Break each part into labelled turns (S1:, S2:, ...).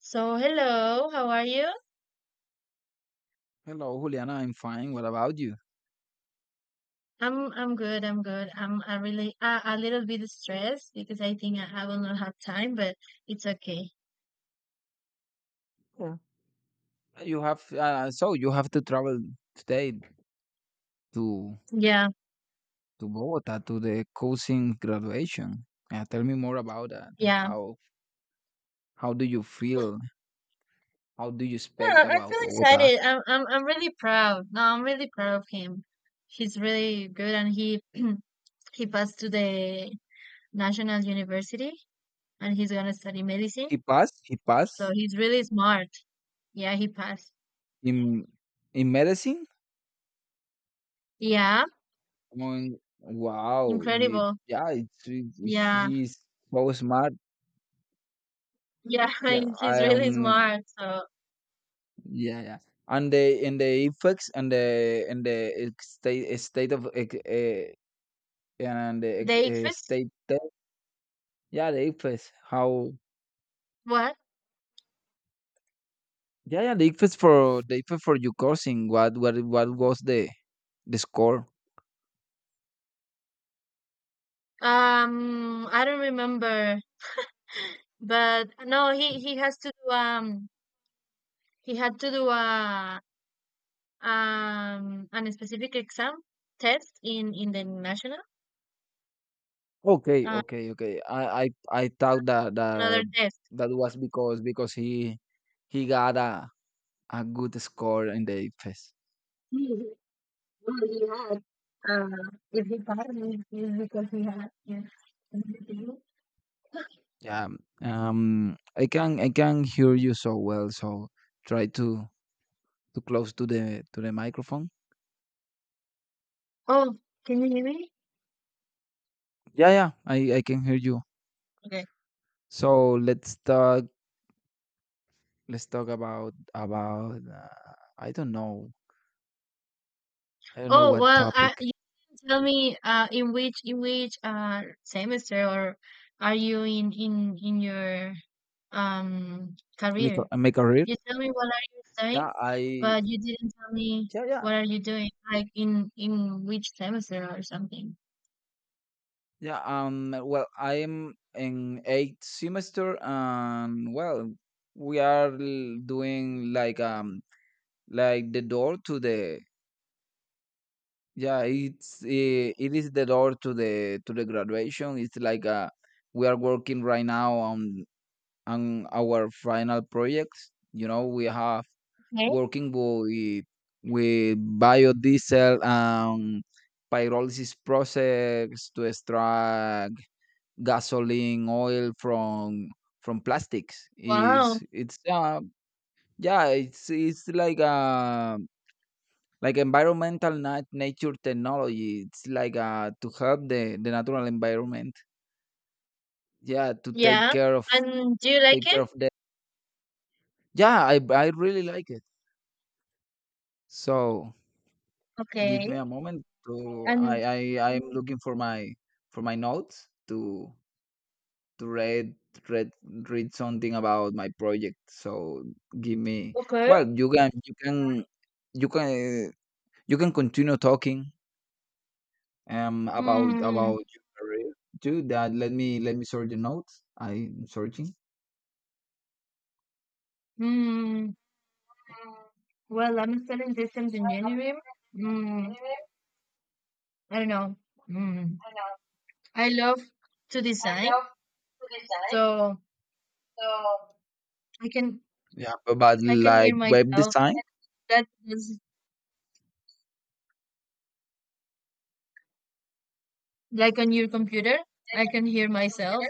S1: So hello, how are you?
S2: Hello, Juliana. I'm fine. What about you?
S1: I'm good. I'm good. I really a little bit stressed because I think I will not have time, but it's okay.
S2: You have so you have to travel today to
S1: Yeah,
S2: to Bogota to the cousin graduation. Tell me more about that.
S1: yeah.
S2: How how do you feel? How do you
S1: No,
S2: expect
S1: I
S2: about
S1: feel
S2: Bogota?
S1: excited. I'm really proud. No, I'm really proud of him. He's really good, and he he passed to the national university, and he's gonna study medicine.
S2: He passed. He
S1: So
S2: passed
S1: he's really smart. Yeah, he passed.
S2: in in medicine.
S1: Yeah,
S2: Wow.
S1: incredible.
S2: Yeah,
S1: Yeah,
S2: he's so smart.
S1: yeah.
S2: Yeah,
S1: He's
S2: I
S1: really
S2: am.
S1: smart. So.
S2: Yeah, yeah, and the in the effects and the in the ex- state of and the
S1: They exist.
S2: state test. Yeah, the ICFES. How?
S1: What?
S2: Yeah, yeah, the ICFES for your cousin. What what was the score?
S1: I don't remember. But no, he has to do he had to do a an specific exam test in the national
S2: Okay,
S1: uh,
S2: okay, okay. I thought that
S1: another
S2: that
S1: test.
S2: that was because he got a good score in the ICFES.
S1: But, Uh, if he passed, it is because he had. Yeah.
S2: Yeah. I can hear you so well. So try to close to the microphone.
S1: Oh, can you hear me?
S2: Yeah, yeah. I can hear you.
S1: Okay.
S2: So let's talk about about, I don't know. I don't know
S1: Oh
S2: what
S1: well,
S2: topic.
S1: you didn't tell me in which semester or are you in in your
S2: Make
S1: career.
S2: a, make a read?
S1: You tell me what are you studying,
S2: Yeah, I,
S1: but you didn't tell me
S2: yeah, yeah,
S1: what are you doing, like in which semester or something.
S2: yeah. Well, I'm in eighth semester, and, well, we are doing like, like, the door to the, yeah, it is the door to the graduation. It's like, we are working right now on our final project. You know, we have
S1: Okay.
S2: working with biodiesel and pyrolysis process to extract gasoline oil from plastics,
S1: Wow.
S2: is it's yeah, it's like a, like environmental nature technology. It's like to help the natural environment, yeah, to
S1: Yeah. And do you like
S2: take care
S1: it?
S2: of that. Yeah, I really like it, so. Give
S1: Okay.
S2: me a moment. So
S1: And
S2: I'm looking for my, for my notes to read, read read something about my project. So give me.
S1: okay.
S2: Well, you you can can continue talking, about
S1: Mm,
S2: your career too. That, let me sort the notes. I'm searching.
S1: mm. Well, I'm studying systems engineering. Mm, I don't know. Mm. I love to design, so I can
S2: Yeah, but
S1: I can
S2: like
S1: hear
S2: web
S1: myself.
S2: design.
S1: That is like on your computer. I can hear myself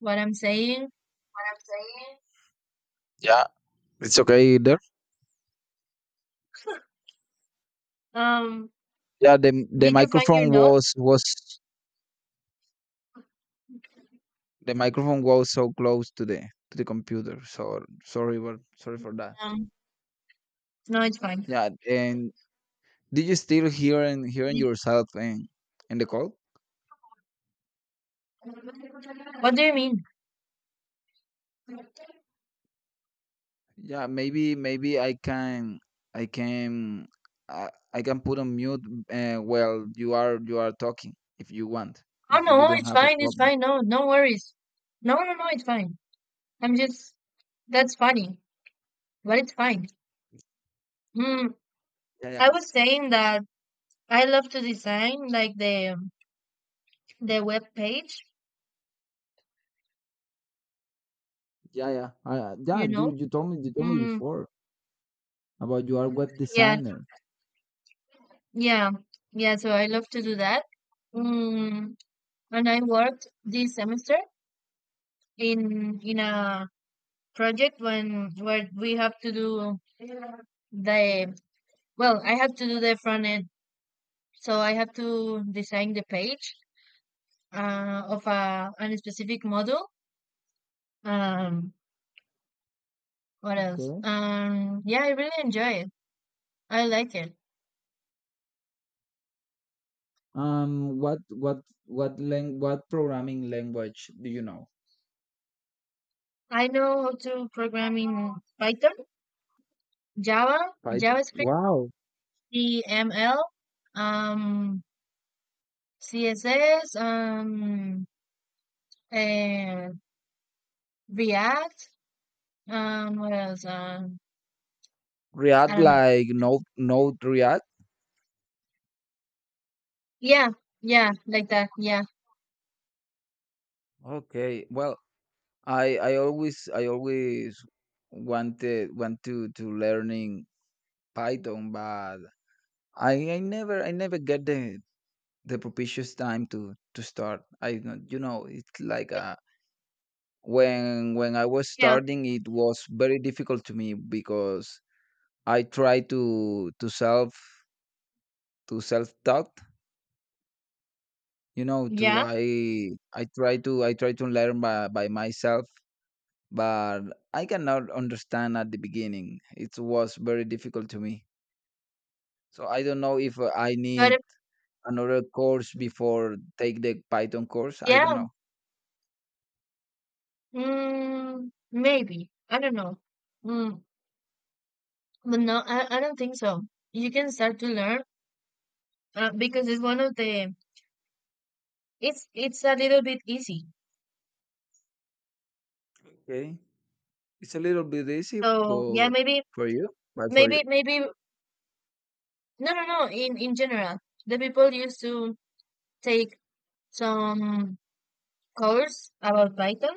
S1: what I'm saying.
S2: Yeah, it's okay either.
S1: Um,
S2: Yeah, the
S1: did you find your
S2: microphone
S1: note?
S2: was so close to the computer. So sorry, but sorry for that.
S1: Um, no, it's fine.
S2: Yeah, and did you still hearing
S1: Did
S2: yourself in the call?
S1: you, what do you mean?
S2: Yeah, maybe I can I can put on mute, while you are talking, if you want,
S1: Oh
S2: if you
S1: no,
S2: don't
S1: it's
S2: have a
S1: fine, it's
S2: problem.
S1: fine. No, no worries. No, no, no, it's fine. I'm just that's funny, but it's fine. Mm,
S2: Yeah,
S1: I was
S2: yes.
S1: saying that I love to design like the the web page,
S2: Yeah, yeah, yeah.
S1: you
S2: You
S1: know.
S2: you told me,
S1: Mm,
S2: before. About you are web
S1: yeah,
S2: designer.
S1: yeah, yeah. So I love to do that. Mm, and I worked this semester in a project when where we have to do the well I have to do the front end so I have to design the page of a specific model um what else
S2: Okay.
S1: yeah I really enjoy it I like it
S2: Um, what what what programming language do you know?
S1: I know how to program in python, java,
S2: Python.
S1: javascript,
S2: Wow.
S1: cml, um css, and react, what else I
S2: React,
S1: don't know.
S2: like Node React.
S1: Yeah, yeah, like that. Yeah,
S2: Okay. Well, I always wanted want to learning Python, but I I never get the propitious time to start. I don't- you know, it's like a, when I was
S1: yeah,
S2: starting, it was very difficult to me, because I try to self taught. You know, to
S1: yeah.
S2: I try to learn by myself, but I cannot understand at the beginning. It was very difficult to me. So I don't know if, I
S1: But
S2: need
S1: if,
S2: another course before take the Python course. I
S1: yeah,
S2: don't know.
S1: maybe I don't know. Mm, but no, I don't think so. You can start to learn because it's one of the it's a little bit easy.
S2: Okay, it's a little bit easy,
S1: So yeah,
S2: but
S1: maybe
S2: for you, but for
S1: maybe
S2: you.
S1: maybe no no no. In general, the people used to take some course about Python.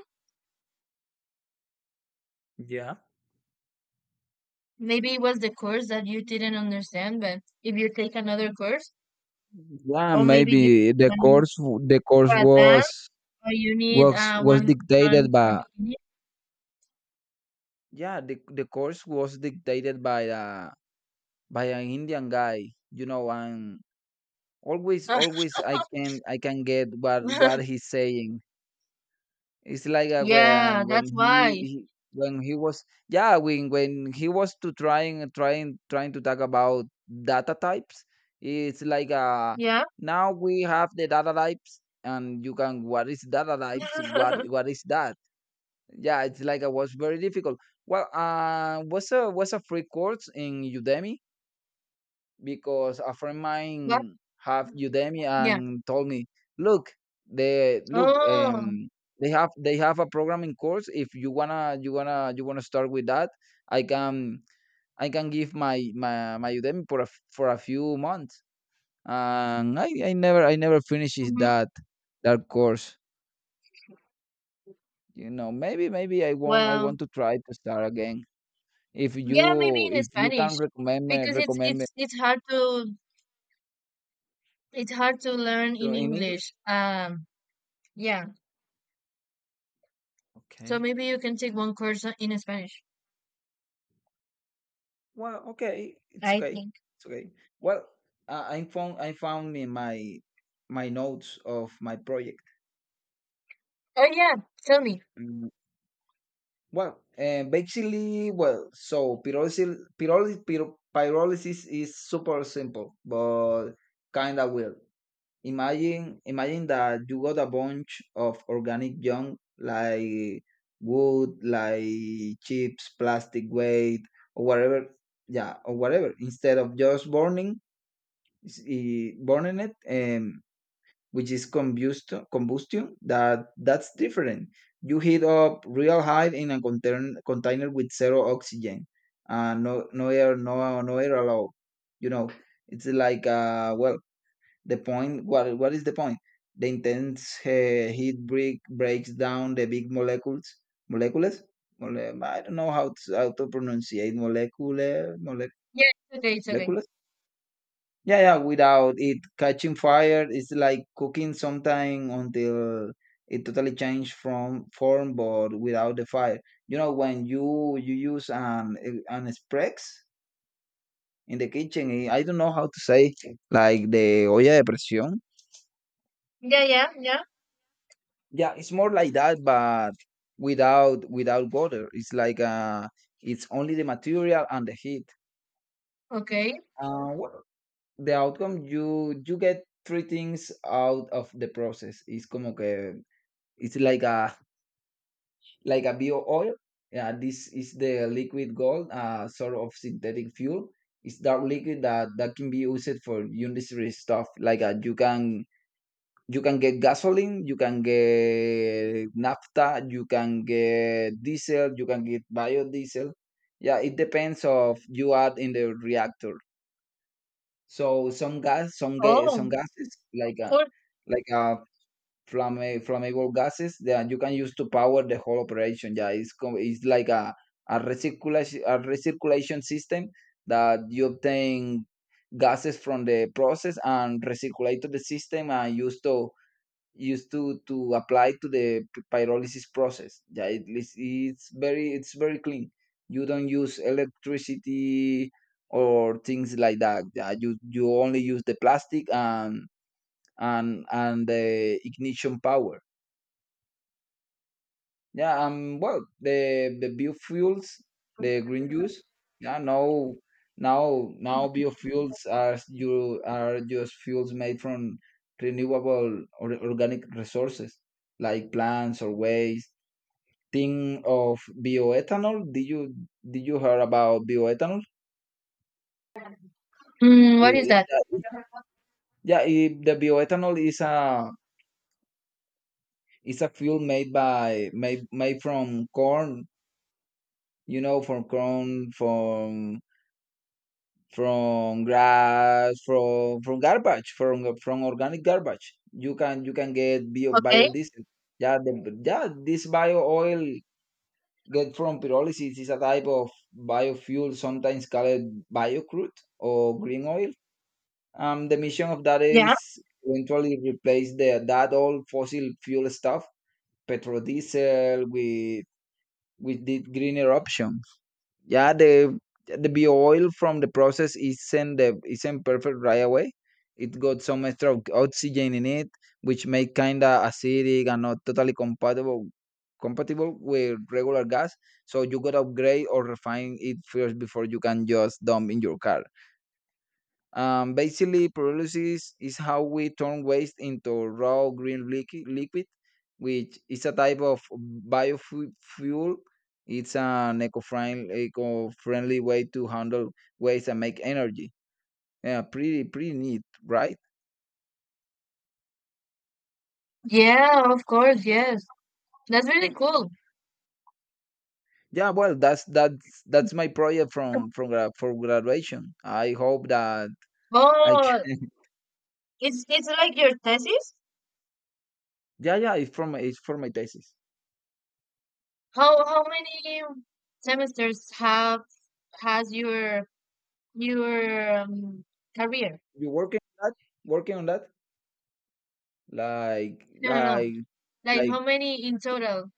S2: Yeah.
S1: Maybe it was the course that you didn't understand, but if you take another course,
S2: Yeah,
S1: or maybe you.
S2: maybe the course the
S1: For
S2: course
S1: advanced
S2: was
S1: or you need
S2: was was
S1: one one
S2: dictated
S1: for
S2: by. Yeah, the course was dictated by a by an Indian guy, you know, and always
S1: beginning?
S2: always I can get what he's saying. It's like,
S1: Yeah, that's why.
S2: when he was, yeah, when he was to trying trying trying to talk about data types. It's like,
S1: Yeah.
S2: now we have the data types, and you can, what is data types, what what is that? Yeah, it's like it was very difficult. Well, was a free course in Udemy, because a friend of
S1: Yeah.
S2: mine have Udemy
S1: Yeah.
S2: and told me, look, they look,
S1: Oh.
S2: they have a programming course. If you wanna start with that, I can I can give my Udemy for for a few months. And I never finishes
S1: Mhm.
S2: that course. You know, maybe I want I
S1: Well,
S2: want to try to start again. If
S1: yeah, maybe
S2: you
S1: in
S2: if you can
S1: Spanish
S2: recommend me
S1: because it's
S2: recommend me
S1: it's it's hard to learn
S2: to,
S1: in
S2: in English?
S1: English. Yeah. So
S2: Okay.
S1: maybe you can take one course o- in Spanish,
S2: Well, okay, it's
S1: I
S2: okay.
S1: think.
S2: It's okay. Well, I found in my notes of my project.
S1: Oh yeah, tell me.
S2: Mm, Well, basically, well, so pyrolysis is super simple, but kind of weird. Imagine that you got a bunch of organic junk, like wood, like chips, plastic waste, or whatever. Yeah, or whatever. Instead of just burning, burning it, which is combustion. That, that's different. You heat up real high in a container with zero oxygen, no air, no air allowed. You know, it's like, well, the point, what is the point? The intense, heat breaks down the big molecules, molecules. I don't know how to pronunciate molecule, mole,
S1: Yeah, it's okay, it's okay.
S2: molecules. Yeah, yeah. Without it catching fire, it's like cooking sometime until it totally changed from form, but without the fire. You know, when you use an sprex in the kitchen, I don't know how to say, like, the olla de presión.
S1: Yeah, yeah, yeah.
S2: Yeah, it's more like that, but without water. It's like, it's only the material and the heat.
S1: Okay.
S2: Well, the outcome, you get three things out of the process. It's como que, it's like a, like a bio oil. Yeah, this is the liquid gold, sort of synthetic fuel. It's dark liquid that can be used for industry stuff. Like, you can get gasoline, you can get naphtha, you can get diesel, you can get biodiesel. Yeah, it depends of you add in the reactor. So
S1: Oh,
S2: some gases, like a,
S1: cool.
S2: like a flammable gases that you can use to power the whole operation. Yeah, it's like a recirculation, a recirculation system that you obtain gases from the process and recirculate to the system and used to apply to the pyrolysis process. Yeah, it's very clean. You don't use electricity or things like that. Yeah, you only use the plastic and and the ignition power. Yeah, well, the biofuels, the green juice. Yeah, now, biofuels are, you are, just fuels made from renewable or organic resources, like plants or waste. Think of bioethanol. Did you hear about bioethanol?
S1: Mm, what
S2: I-
S1: is
S2: i-
S1: that?
S2: that- yeah, the bioethanol is a fuel made by made made from corn. You know, from corn, from grass, from garbage, from organic garbage, you can get
S1: Okay.
S2: biodiesel. yeah the, yeah, this bio oil get from pyrolysis is a type of biofuel, sometimes called biocrude or green oil. The mission of that is
S1: Yeah.
S2: eventually replace the that old fossil fuel stuff, petrodiesel, with the greener option. Yeah, the be oil from the process isn't perfect right away. It got some extra oxygen in it, which make kinda acidic and not totally compatible with regular gas, so you gotta upgrade or refine it first before you can just dump in your car. Basically, pyrolysis is how we turn waste into raw green liquid, which is a type of biofuel. It's an eco-friendly way to handle waste and make energy. Yeah, pretty neat, right?
S1: Yeah, of course, yes. That's really cool.
S2: Yeah, well, that's my project for graduation. I hope that I
S1: Well,
S2: can.
S1: it's like your thesis.
S2: Yeah, yeah, it's for my thesis.
S1: How many semesters have has your career?
S2: You working on that? Working on that? Like.
S1: No, no, no.
S2: like
S1: Like
S2: like.
S1: how many in total?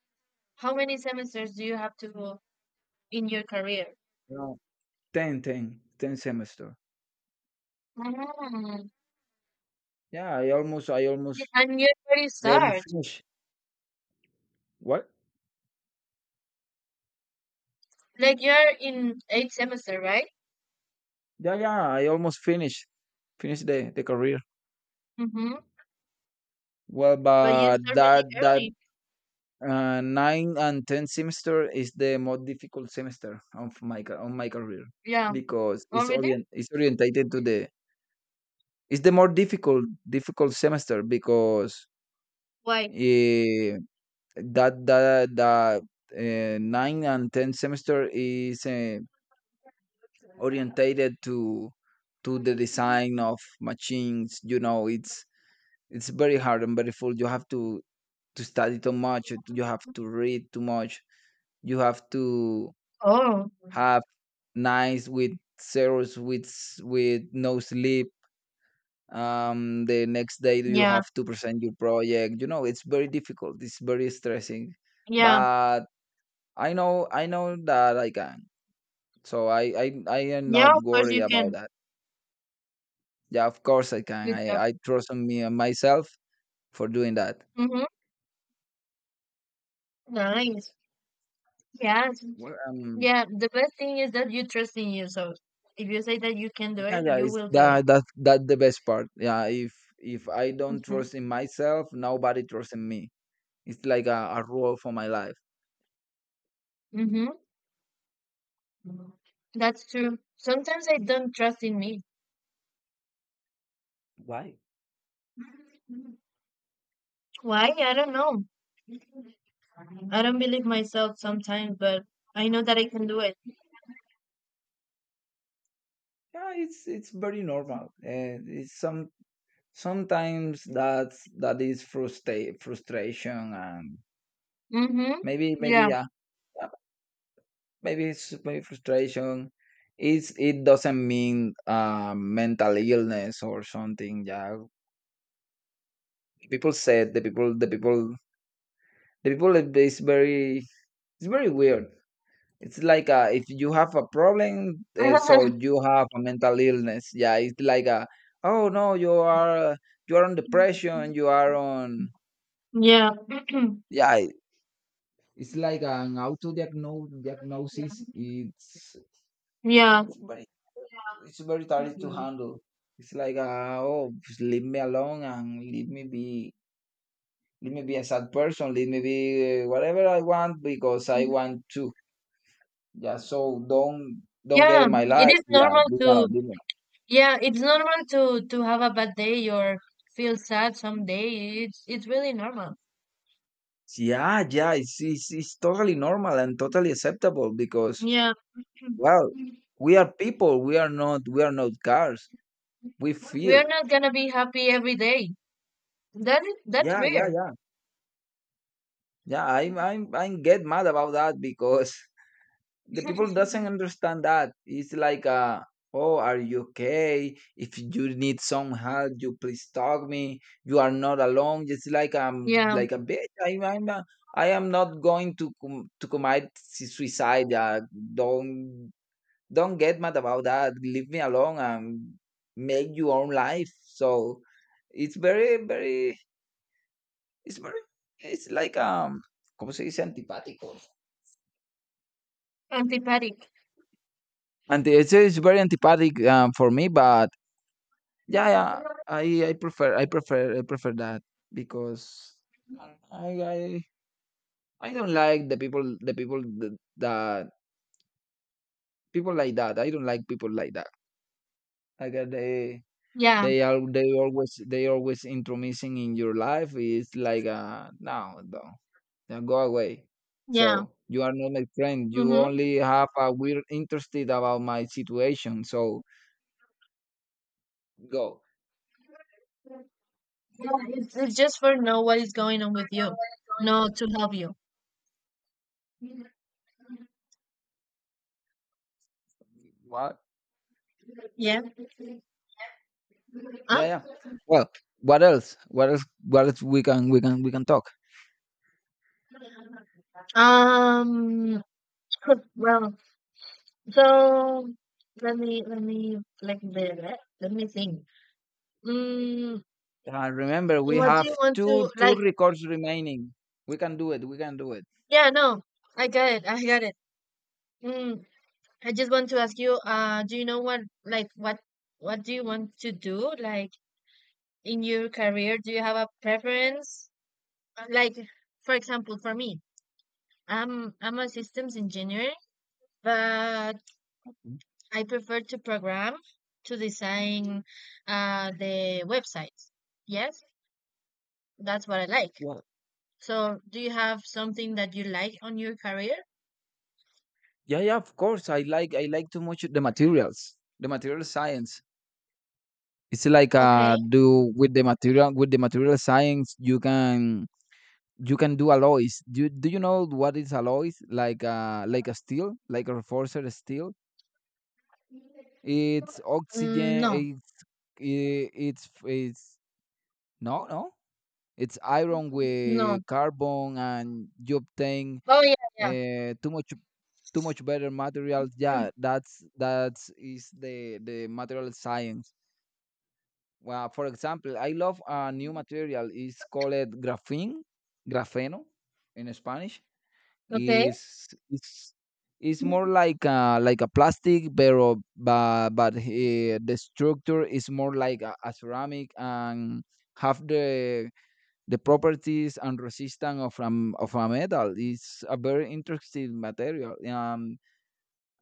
S1: How many semesters do you have to go in your career?
S2: Ten semester.
S1: Ah,
S2: Yeah,
S1: y- And you already
S2: I almost
S1: start.
S2: finished. What?
S1: Like you're in eighth semester, right?
S2: Yeah, yeah, I almost finished the career.
S1: Mm-hmm.
S2: Well,
S1: But you
S2: but
S1: start
S2: that
S1: really
S2: that
S1: early.
S2: nine and ten semester is the most difficult semester of on my career,
S1: Yeah.
S2: because
S1: Already?
S2: it's orientated to the, it's the more difficult semester because,
S1: Why?
S2: eh, that that that nine and ten semester is, orientated to the design of machines. You know, it's very hard and very full, you have to study too much, you have to read too much, you have to
S1: Oh,
S2: have nights with zeros, with no sleep. The next day you
S1: yeah,
S2: have to present your project. You know, it's very difficult, it's very stressing,
S1: yeah,
S2: but I know that I can, so I am
S1: yeah.
S2: not
S1: Of course
S2: worried
S1: you
S2: about
S1: can.
S2: that. Yeah, of course I can.
S1: Good job.
S2: I trust on me on myself for doing that.
S1: Mhm. Nice. Yes.
S2: Well,
S1: Yeah. The best thing is that you trust in yourself. If you say that you can do
S2: yeah,
S1: it,
S2: yeah,
S1: you
S2: it's
S1: will do it.
S2: that the best part. Yeah, if I don't
S1: Mhm.
S2: trust in myself, nobody trusts in me. It's like a rule for my life.
S1: Mhm. That's true. Sometimes I don't trust in me.
S2: Why?
S1: Why? I don't know. I don't believe myself sometimes, but I know that I can do it.
S2: Yeah, it's very normal, and it's some sometimes that's that is frustrate frustration and
S1: Mhm.
S2: maybe maybe
S1: Yeah.
S2: yeah maybe frustration. It doesn't mean mental illness or something. Yeah, people said the people it- it's very it's very weird. It's like if you have a problem, so you have a mental illness. Yeah, it's like a oh no, you are on depression. You are on
S1: yeah.
S2: yeah. It's like an auto diagnose diagnosis.
S1: Yeah.
S2: It's very It's very tiring to handle. It's like, oh, just leave me alone and leave me be a sad person, leave me be whatever I want because I want to. Yeah, so don't get
S1: Yeah,
S2: in my
S1: it
S2: life.
S1: is
S2: Yeah,
S1: normal
S2: leave me alone,
S1: to
S2: leave me alone.
S1: yeah, it's normal to have a bad day or feel sad some day. It's really normal.
S2: Yeah, yeah, it's totally normal and totally acceptable because
S1: Yeah,
S2: well, we are people. We are not cars. We
S1: we
S2: feel.
S1: are not gonna be happy every day. That is that's
S2: Yeah, yeah,
S1: rare.
S2: yeah, yeah. I'm I get mad about that because the people doesn't understand that. It's like uh oh, are you okay? If you need some help, you please talk me. You are not alone. Just like I'm
S1: Yeah,
S2: like a bitch. I am not going to commit suicide. Don't don't get mad about that. Leave me alone and make your own life. So it's very very it's like como se dice antipático?
S1: antipathic.
S2: And it's very antipathic, for me, but yeah, yeah. I prefer that because I I I don't like the people that, that people like that. I don't like people like that. Like
S1: Yeah,
S2: they are they always intromissing in your life. It's like uh, no, no, yeah, go away.
S1: yeah.
S2: So you are not my friend. You
S1: Mm-hmm.
S2: only have a weird interested about my situation. So go.
S1: Yeah, it's just for know what is going on with you. No, to help you.
S2: What?
S1: Yeah.
S2: Yeah,
S1: Huh?
S2: yeah. Well, what else? What else? What else we can talk?
S1: Um. Well, so let me like the let me think. Mm,
S2: Remember,
S1: And
S2: we
S1: what do
S2: have
S1: you want to
S2: two
S1: like?
S2: records remaining. We can do it. We can do it.
S1: Yeah, no, I got it. I got it. Mm, I just want to ask you, do you know what like what do you want to do like in your career? Do you have a preference? Like for example, for me, I'm a systems engineer, but
S2: Mm,
S1: I prefer to program to design the websites. Yes, that's what I like.
S2: well,
S1: So, do you have something that you like on your career?
S2: yeah, yeah. Of course, I like too much the materials. The material science. It's like
S1: Okay.
S2: do with the material science, you can you can do alloys. Do you know what is alloys? Like uh, like a steel, like a reinforced steel. It's oxygen.
S1: No,
S2: It's no, no. It's iron
S1: no.
S2: with carbon, and you obtain
S1: Oh, yeah, yeah.
S2: uh, too much too much better material.
S1: Mm,
S2: Yeah, that's is the material science. Well, for example, I love a new material. It's called graphene, grafeno in Spanish.
S1: Okay.
S2: Is it's it's more like like a plastic, but the structure is more like a ceramic and have the properties and resistance of a metal. Is a very interesting material,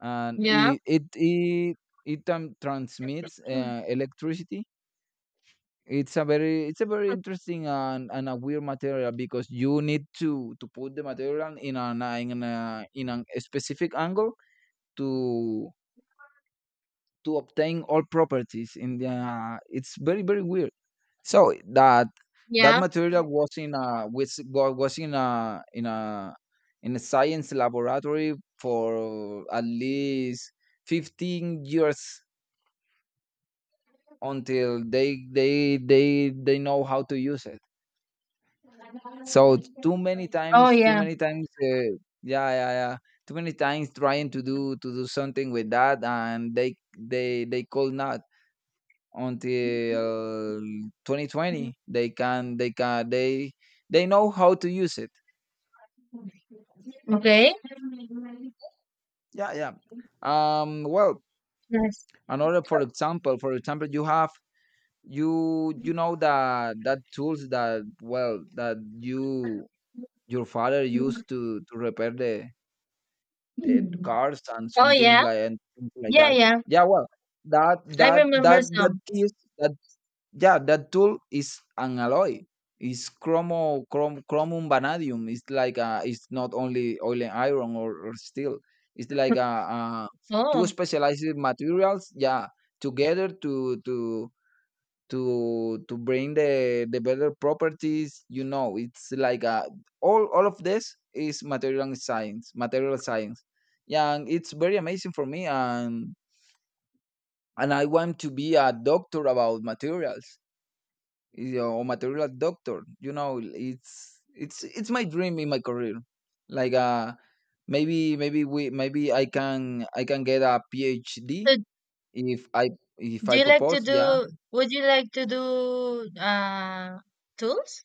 S2: and
S1: Yeah,
S2: it transmits electricity. It's a very interesting and a weird material because you need to put the material in an in a specific angle to to obtain all properties in the it's very very weird. So that that
S1: yeah.
S2: material was in a was wa- was in a in a in a science laboratory for at least 15 years until they know how to use it. So
S1: Oh,
S2: too
S1: yeah.
S2: many times, yeah, yeah, yeah. Too many times trying to do something with that, and they could not. Until 2020 they can they know how to use it.
S1: Okay.
S2: Yeah, yeah, um, well,
S1: Yes.
S2: another, for example, for example, you have you know that that tools that, well, that you, your father used to repair the cars and
S1: Oh,
S2: something
S1: yeah.
S2: like, and something like
S1: Yeah,
S2: that.
S1: yeah.
S2: Yeah, well,
S1: I remember
S2: that
S1: some.
S2: is that. Yeah, that tool is an alloy. It's chromium, vanadium. It's like it's not only oil and iron or steel. It's like a two
S1: Oh,
S2: specialized materials. Yeah, together to bring the better properties. You know, it's like a all of this is material science. Material science. Yeah, and it's very amazing for me, and I want to be a doctor about materials, you know, or material doctor. You know, it's it's my dream in my career. Like uh, maybe I can get a PhD
S1: so
S2: if I if
S1: do
S2: I
S1: you like to
S2: propose. Yeah,
S1: do, would you like to do uh tools?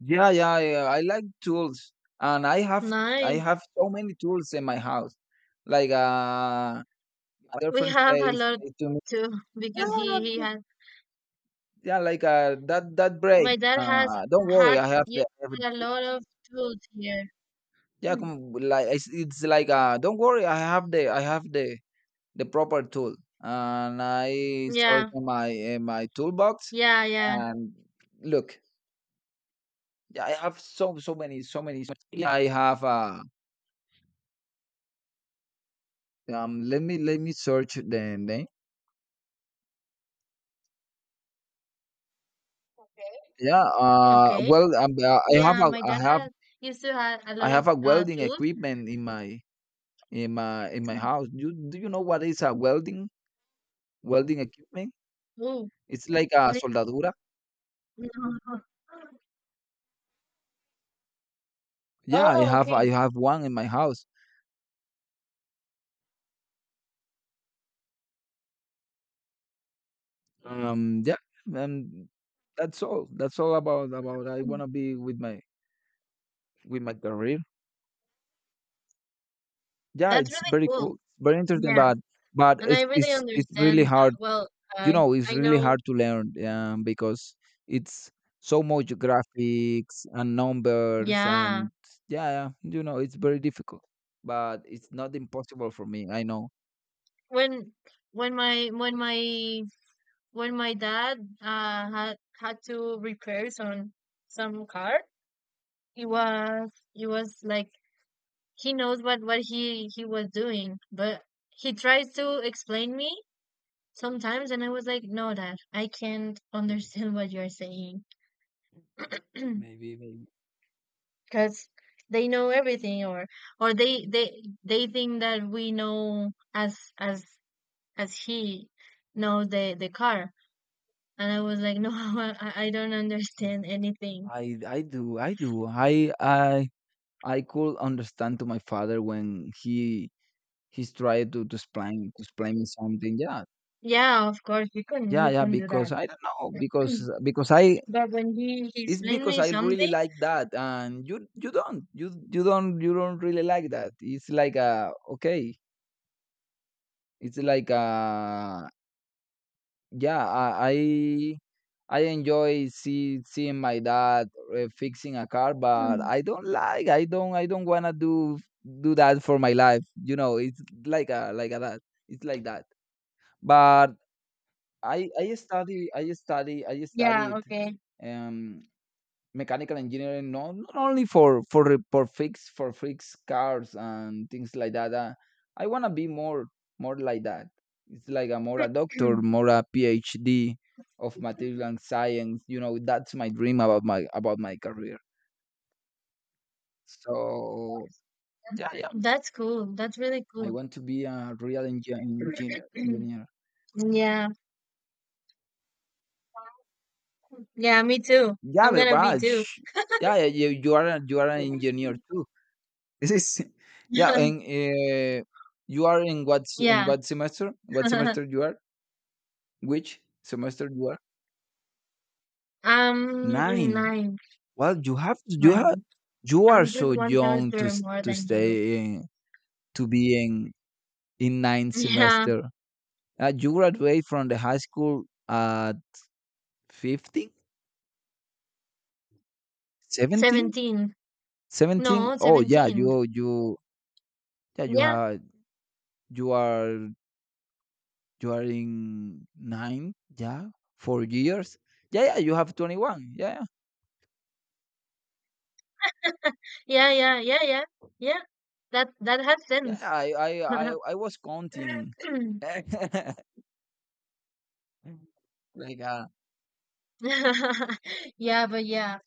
S2: yeah, yeah. I like tools, and I
S1: Nice.
S2: have so many tools in my house. Like my
S1: We
S2: girlfriend
S1: have a
S2: says
S1: lot
S2: say to me,
S1: too because he
S2: yeah,
S1: has
S2: yeah, like that that break.
S1: my dad has
S2: Don't worry,
S1: had used
S2: I have,
S1: a lot of tools here.
S2: yeah, com- like it's like don't worry, I have the proper tool, and I search
S1: Yeah,
S2: in my toolbox,
S1: yeah, yeah.
S2: and look, yeah, I have so so many so many. Yeah, I have let me search the name. Yeah.
S1: Okay. Yeah, my dad had used to have a
S2: I
S1: lot
S2: have
S1: of
S2: a welding
S1: tools.
S2: equipment in my in my in my
S1: Mm.
S2: house. You, do you know what is a welding welding equipment?
S1: Oh,
S2: It's like a
S1: what is
S2: soldadura. Yeah,
S1: Oh,
S2: I
S1: okay.
S2: have one in my house. Yeah, and that's all. That's all about about. I
S1: Mm.
S2: want to be with my career. Yeah,
S1: That's
S2: it's
S1: really
S2: very
S1: cool.
S2: cool, very interesting,
S1: Yeah.
S2: but but
S1: And I
S2: it's
S1: really
S2: it's it's really
S1: understand that.
S2: hard.
S1: Well,
S2: You
S1: I
S2: know, it's
S1: I
S2: really
S1: know.
S2: hard to learn, because it's so much graphics and numbers
S1: Yeah.
S2: and yeah, yeah, you know, it's very difficult. But it's not impossible for me. I know.
S1: When when my when my dad had had to repair some car, it was like he knows what he was doing, but he tries to explain me sometimes and I was like no dad I can't understand what you're saying
S2: Maybe, maybe.
S1: because they know everything or they think that we know as he knows the car and I was like no I don't understand
S2: Mm,
S1: anything
S2: I do I do I could understand to my father when he to explain me something. Yeah,
S1: yeah of course
S2: yeah,
S1: you
S2: yeah.
S1: can do that
S2: Because I don't know. Because I,
S1: but when he
S2: it's
S1: explained
S2: because
S1: me
S2: I really
S1: something
S2: like that, and you don't really like that. It's like a, okay. It's like a, yeah. I I enjoy seeing my dad fixing a car, but
S1: mm,
S2: I don't like. I don't. I don't wanna do do that for my life. You know, it's like a that. It's like that. But I study. I study. I
S1: yeah
S2: studied.
S1: okay
S2: Um, mechanical engineering, no, not only for for fix cars and things like that, I want to be more more like that. It's like a more a doctor, more a PhD of material and science, you know. That's my dream about my career. So yeah, yeah,
S1: that's cool that's really
S2: I
S1: cool
S2: want to be a real engineer engineer.
S1: yeah. Yeah, me too.
S2: Yeah,
S1: I'm
S2: but
S1: gonna be
S2: Raj,
S1: too.
S2: yeah, yeah, you are you are an engineer. This is yeah, and you are in what s- in
S1: Yeah.
S2: what semester? What semester you are? Which semester you are?
S1: I'm in
S2: Nine.
S1: ninth,
S2: Well,
S1: ninth.
S2: you are
S1: I'm
S2: so
S1: just one
S2: young to
S1: semester more than you.
S2: stay in, to be in ninth
S1: Yeah,
S2: semester. You graduate from the high school at 15, 17,
S1: 17.
S2: 17.
S1: No,
S2: Oh yeah,
S1: 17.
S2: you
S1: Yeah,
S2: have, you are, you are in nine, yeah, 4 years. Yeah, yeah, you have 21. Yeah, yeah,
S1: yeah, yeah, yeah, yeah, yeah. That that has
S2: yeah,
S1: sense.
S2: I was counting. Like, uh,
S1: Yeah, but yeah.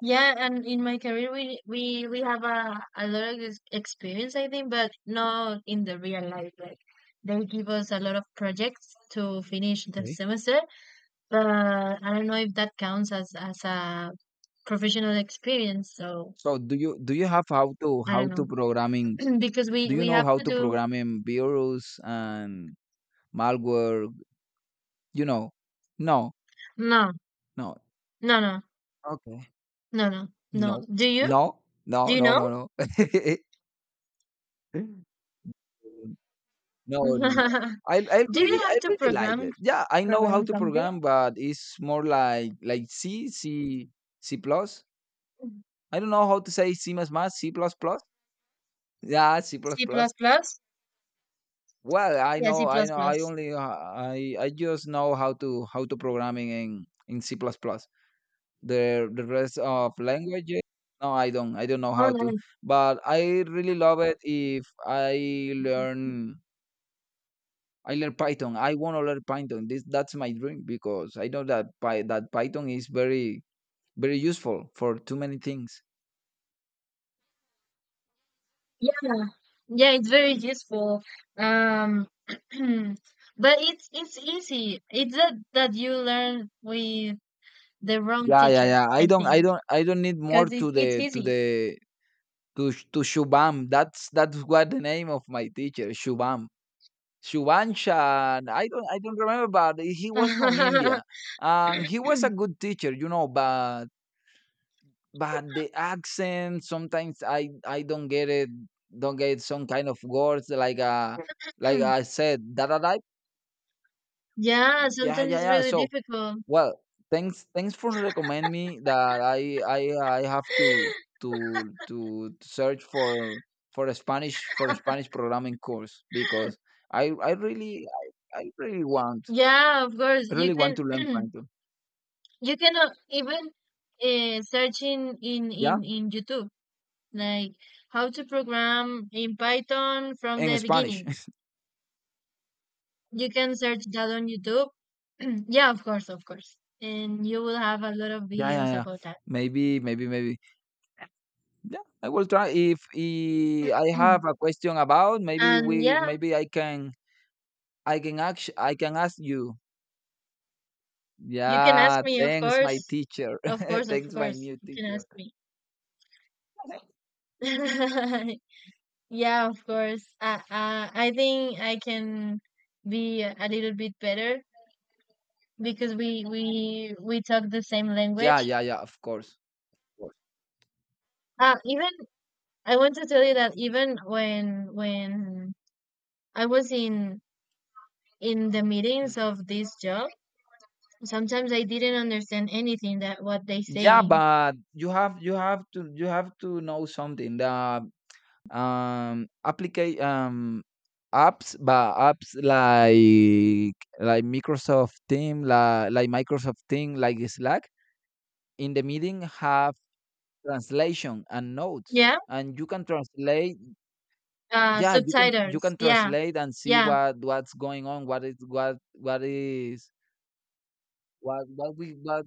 S1: Yeah, and in my career, we have a lot of ex- experience, I think, but not in the real life. Like they give us a lot of projects to finish the
S2: okay.
S1: semester, but I don't know if that counts as a professional experience. So
S2: So do you have,
S1: I don't
S2: how to
S1: know
S2: programming?
S1: because
S2: Do you
S1: we
S2: know
S1: have
S2: how
S1: to
S2: to
S1: do
S2: programming? In virus and malware? You know, no,
S1: no
S2: no,
S1: no no
S2: okay,
S1: no no no.
S2: no, no,
S1: Do
S2: no,
S1: you
S2: no,
S1: know?
S2: no, no. No, no, no. I
S1: Do you
S2: really I
S1: have to
S2: really like
S1: program
S2: that. Yeah, I know how
S1: program
S2: to
S1: something?
S2: program, but it's more like C plus. I don't know how to say C plus plus. Yeah, C plus
S1: C plus
S2: plus.
S1: plus?
S2: Well,
S1: Yeah, C
S2: I
S1: plus
S2: know I
S1: plus.
S2: only I just know how to programming in C plus plus. The rest of languages, no, I don't know
S1: Oh
S2: how to.
S1: no,
S2: But I really love it if I learn I learn Python. I want to learn Python. This that's my dream because I know that Python is very very useful for too many things.
S1: yeah, yeah, it's very useful. But it's easy. It's that that you learn with the wrong
S2: Yeah, yeah,
S1: teacher,
S2: yeah.
S1: I think,
S2: I don't need more
S1: because
S2: to
S1: it, it's
S2: the to
S1: easy.
S2: the to Shubham. That's what the name of my teacher Shubham. Shubhanshan. I don't remember, but he was from India, and he was a good teacher, you know. But the accent sometimes I don't get it, don't get some kind of words like I said that
S1: Yeah,
S2: yeah,
S1: sometimes
S2: yeah,
S1: it's
S2: yeah.
S1: really
S2: So,
S1: difficult.
S2: well, thanks for recommend me that I have to search for a Spanish programming course because I really— I really want—
S1: Yeah, of course
S2: I
S1: you
S2: really
S1: can.
S2: want to learn Python.
S1: You cannot even search
S2: Yeah,
S1: in YouTube like how to program in Python from
S2: in
S1: the
S2: Spanish.
S1: beginning. You can search that on YouTube. yeah, of course, of course. And you will have a lot of
S2: Yeah,
S1: videos
S2: yeah, yeah.
S1: about that.
S2: Maybe. Yeah, I will try. If I have a question about,
S1: and yeah,
S2: maybe I can ask, I can ask you.
S1: you can ask
S2: Yeah,
S1: me, of
S2: thanks, my
S1: course.
S2: teacher.
S1: Of course, of
S2: Thanks, my
S1: course.
S2: new
S1: You can
S2: teacher.
S1: ask me. yeah, of course. I I think I can be a little bit better because we talk the same
S2: Yeah,
S1: language.
S2: yeah, yeah. Of course, of course.
S1: Even I want to tell you that even when I was in the meetings of
S2: hmm
S1: this job sometimes I didn't understand anything that what they
S2: Yeah,
S1: saying.
S2: but you have to know something. The applica apps, but apps like Microsoft Team, like Microsoft Team, like Slack. In the meeting, have translation and notes,
S1: Yeah,
S2: and you can translate. Yeah, you can you
S1: subtitles.
S2: can
S1: Yeah,
S2: translate and see
S1: yeah,
S2: what's going on, what is, what is, what we, what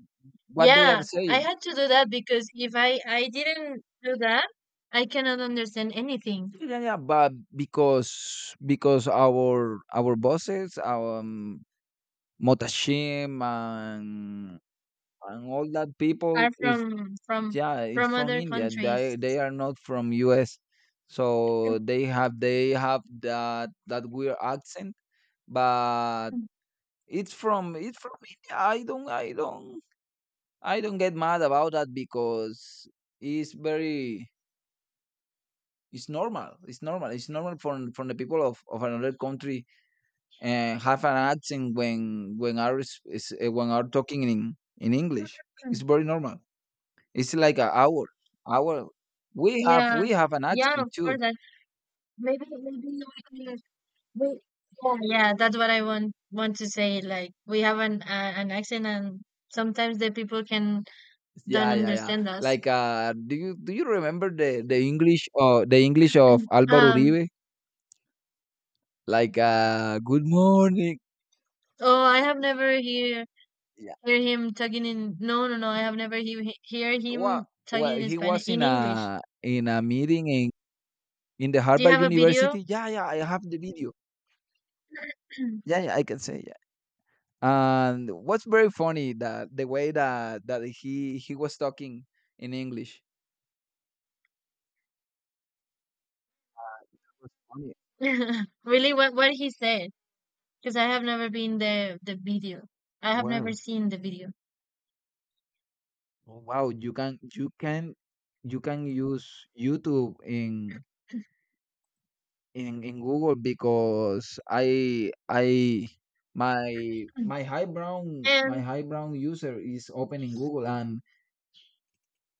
S2: what they are
S1: yeah. I
S2: saying.
S1: had to do that because if I didn't do that, I cannot understand anything.
S2: Yeah, yeah, yeah, but because our bosses, our motashim and all that people
S1: Are
S2: is— yeah, it's
S1: from
S2: from
S1: other
S2: India. they
S1: countries.
S2: they are not from us, so they have that weird accent. But it's from India. I don't get mad about that because it's very it's normal. It's normal. It's normal for— from the people of another country, and have an accent when when are talking in English. It's very normal. It's like a hour. We have
S1: Yeah,
S2: we have an
S1: yeah.
S2: accent
S1: Of
S2: too.
S1: course, that maybe maybe we can we. Yeah, yeah, that's what I want to say. Like we have an accent, and sometimes the people can don't
S2: Yeah, yeah, yeah.
S1: understand us.
S2: Like, do you remember the English, the English of Álvaro
S1: Um,
S2: Uribe? Like, good morning.
S1: oh, I have never hear
S2: Yeah.
S1: hear him talking in. No, no, no. I have never hear hear
S2: Well,
S1: him
S2: well,
S1: talking in
S2: he
S1: Spanish
S2: was
S1: in
S2: in
S1: English.
S2: a— in a meeting in the
S1: Do you
S2: Harvard
S1: have a video?
S2: University. Yeah, yeah, I have the video. Yeah, yeah, I can say, yeah. And what's very funny that the way that he was talking in English was funny.
S1: Really, what he said? Because I have never been the video. I have never
S2: Wow.
S1: seen the video.
S2: Oh, wow, you can use YouTube in Google because I my high brown my
S1: And
S2: high brown user is open in Google, and—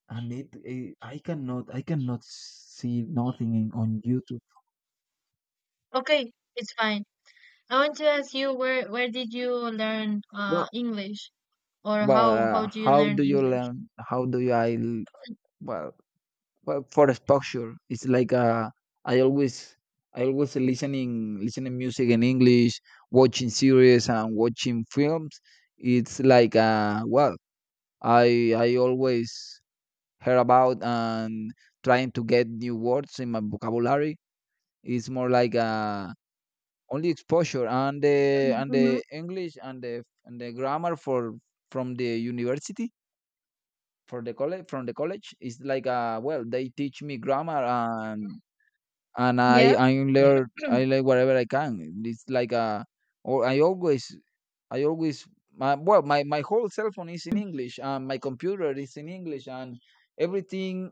S2: and I cannot see nothing in on YouTube.
S1: okay, it's fine. I want to ask you where did you learn
S2: Well,
S1: English or how do you
S2: how
S1: learn
S2: do you
S1: English?
S2: learn? How do you, I l- well, well, for exposure? It's like, I always, I always listening, listening music in English, watching series and watching films. It's like, well, I always hear about and trying to get new words in my vocabulary. It's more like, only exposure, and the and
S1: Mm-hmm.
S2: the English and the grammar for— from the university, for the college from the college is like, well, they teach me grammar and and i
S1: Yeah.
S2: i learn i learn whatever I can. It's like a— or I always my well, my whole cell phone is in English, and my computer is in English, and everything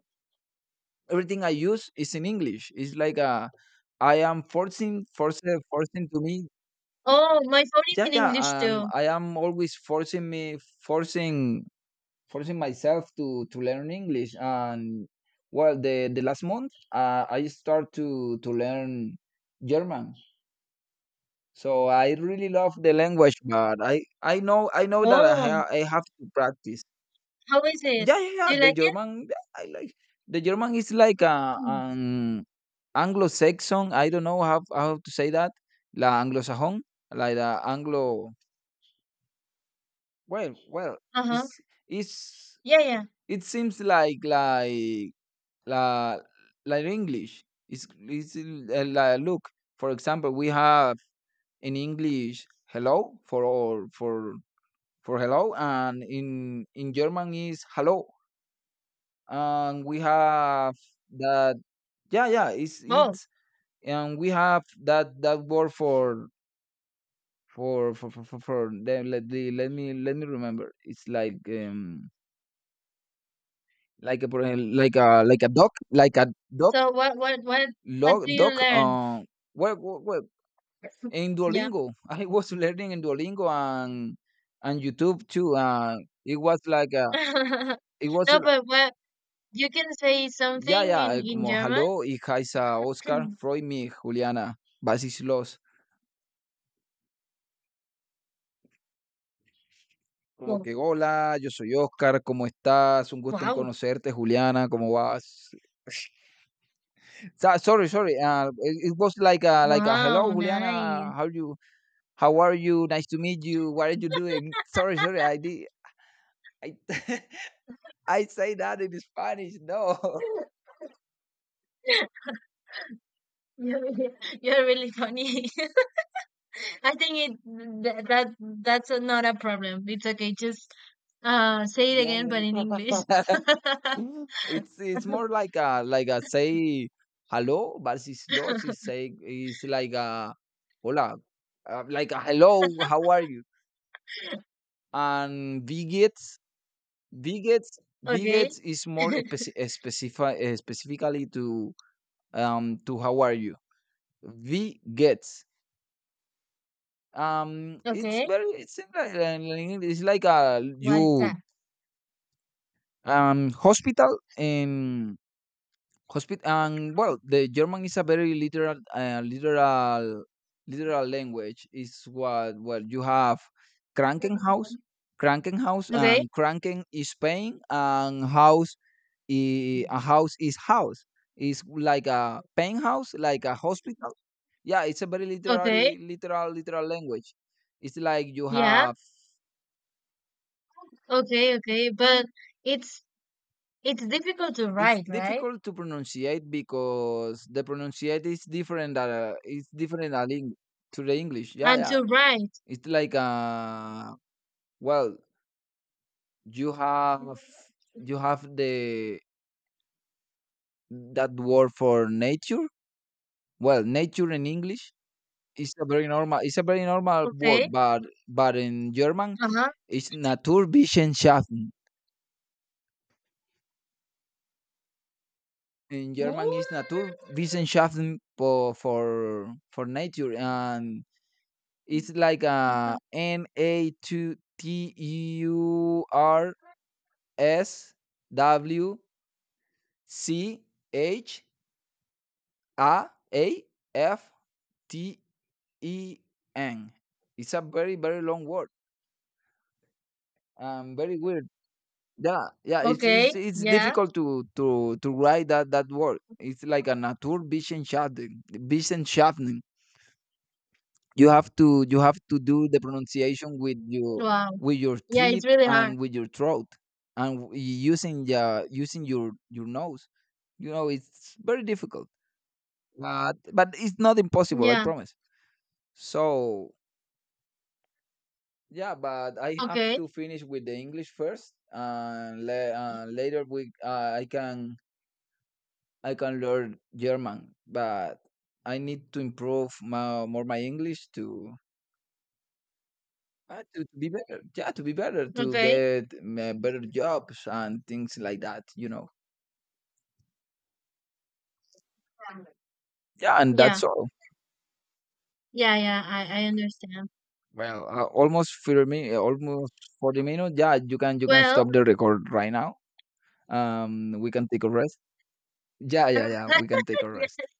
S2: everything I use is in English. It's like a— I am forcing to me.
S1: Oh, my phone is
S2: Yeah,
S1: in
S2: yeah.
S1: English too.
S2: I am always forcing myself to learn English. And well, the last month, I start to learn German. So I really love the language, but I know that
S1: Oh,
S2: I have to practice.
S1: how is it?
S2: Yeah, yeah,
S1: Do
S2: yeah,
S1: you
S2: the
S1: like
S2: German. Yeah, I like. The German is like a—
S1: it?
S2: an Anglo-Saxon, I don't know how to say that. La Anglo-Saxon, like the Anglo— Well,
S1: Uh-huh.
S2: it's it's
S1: Yeah, yeah.
S2: it seems like la— like English. It's like, look, for example, we have in English hello for all, for hello, and in German is hello, and we have that. Yeah, yeah, it's
S1: Oh,
S2: it's and we have that word let the— let me remember. It's like, like a— por ejem-, like a doc, like a doc,
S1: so what do
S2: log,
S1: you
S2: doc.
S1: learn?
S2: Well, in
S1: Yeah.
S2: Duolingo, I was learning in Duolingo, and YouTube too. It was like a— it was
S1: No,
S2: like—
S1: but what you can say
S2: yeah,
S1: something
S2: yeah,
S1: in
S2: como
S1: German?
S2: hello, hija Isa Oscar, Freud mi Juliana, Basis Los. Como
S1: Wow.
S2: que hola, yo soy Oscar, ¿cómo estás? Un gusto en
S1: Wow.
S2: conocerte, Juliana, ¿cómo vas? Sorry, sorry. It was like a— like a
S1: Wow,
S2: hello,
S1: nice.
S2: Juliana, how you— how are you? Nice to meet you. What are you doing? Sorry, sorry. I did. I I say that in Spanish. No.
S1: You're, you're really funny. I think it th that that's a, not a problem. It's okay. Just say it
S2: Yeah.
S1: again, but in
S2: Yeah.
S1: English.
S2: Mhm. It's more like a— like a say hello, but it's lost. It's saying, it's like a hola, like a hello. How are you? And bigots, bigots,
S1: Okay.
S2: bigots is more specifically to how are you? V it's
S1: Okay.
S2: very— it's in like it's like a
S1: What is
S2: you.
S1: that?
S2: Hospital in hospital, and well, the German is a very literal, literal language, is what. Well, you have krankenhaus,
S1: Okay.
S2: and kranken is pain, and house— a house is house. Is like a pain house, like a hospital. Yeah, it's a very
S1: Okay.
S2: literary, literal language. It's like you
S1: Yeah.
S2: have—
S1: Okay, okay, but it's it's difficult to
S2: It's
S1: write, right?
S2: difficult to pronunciate because the pronunciate is different. It's different than— to the English. Yeah,
S1: And
S2: yeah.
S1: to write,
S2: It's like, well, you have you have the— that word for nature. Well, nature in English is a very normal. It's a very normal word,
S1: okay,
S2: but in German,
S1: uh-huh.
S2: it's Naturwissenschaften. In German,
S1: What?
S2: it's Naturwissenschaften for nature. And it's like a
S1: Okay.
S2: N A two TURSWCHAAFTEN. It's a very long word. Very weird. Yeah, yeah. It's
S1: Okay,
S2: it's it's
S1: yeah.
S2: difficult to write that word. It's like a Naturvision Schafften, Vision Schafften. You have to do the pronunciation with your—
S1: Wow.
S2: with your
S1: Yeah, it's
S2: teeth,
S1: really hard.
S2: and with your throat, and using your nose. You know, it's very difficult, but it's not impossible. I
S1: Yeah.
S2: promise. So, yeah, but I have
S1: Okay.
S2: to finish with the English first, and later we I can learn German. But I need to improve my English to— to be better, yeah, to be better, to
S1: Okay.
S2: get better jobs and things like that, you know. Yeah, and
S1: Yeah.
S2: that's all.
S1: Yeah, yeah, I understand.
S2: Well, almost for me, almost 40 minutes. Yeah, you can
S1: Well,
S2: stop the record right now. We can take a rest. Yeah, yeah, yeah. We can take a rest.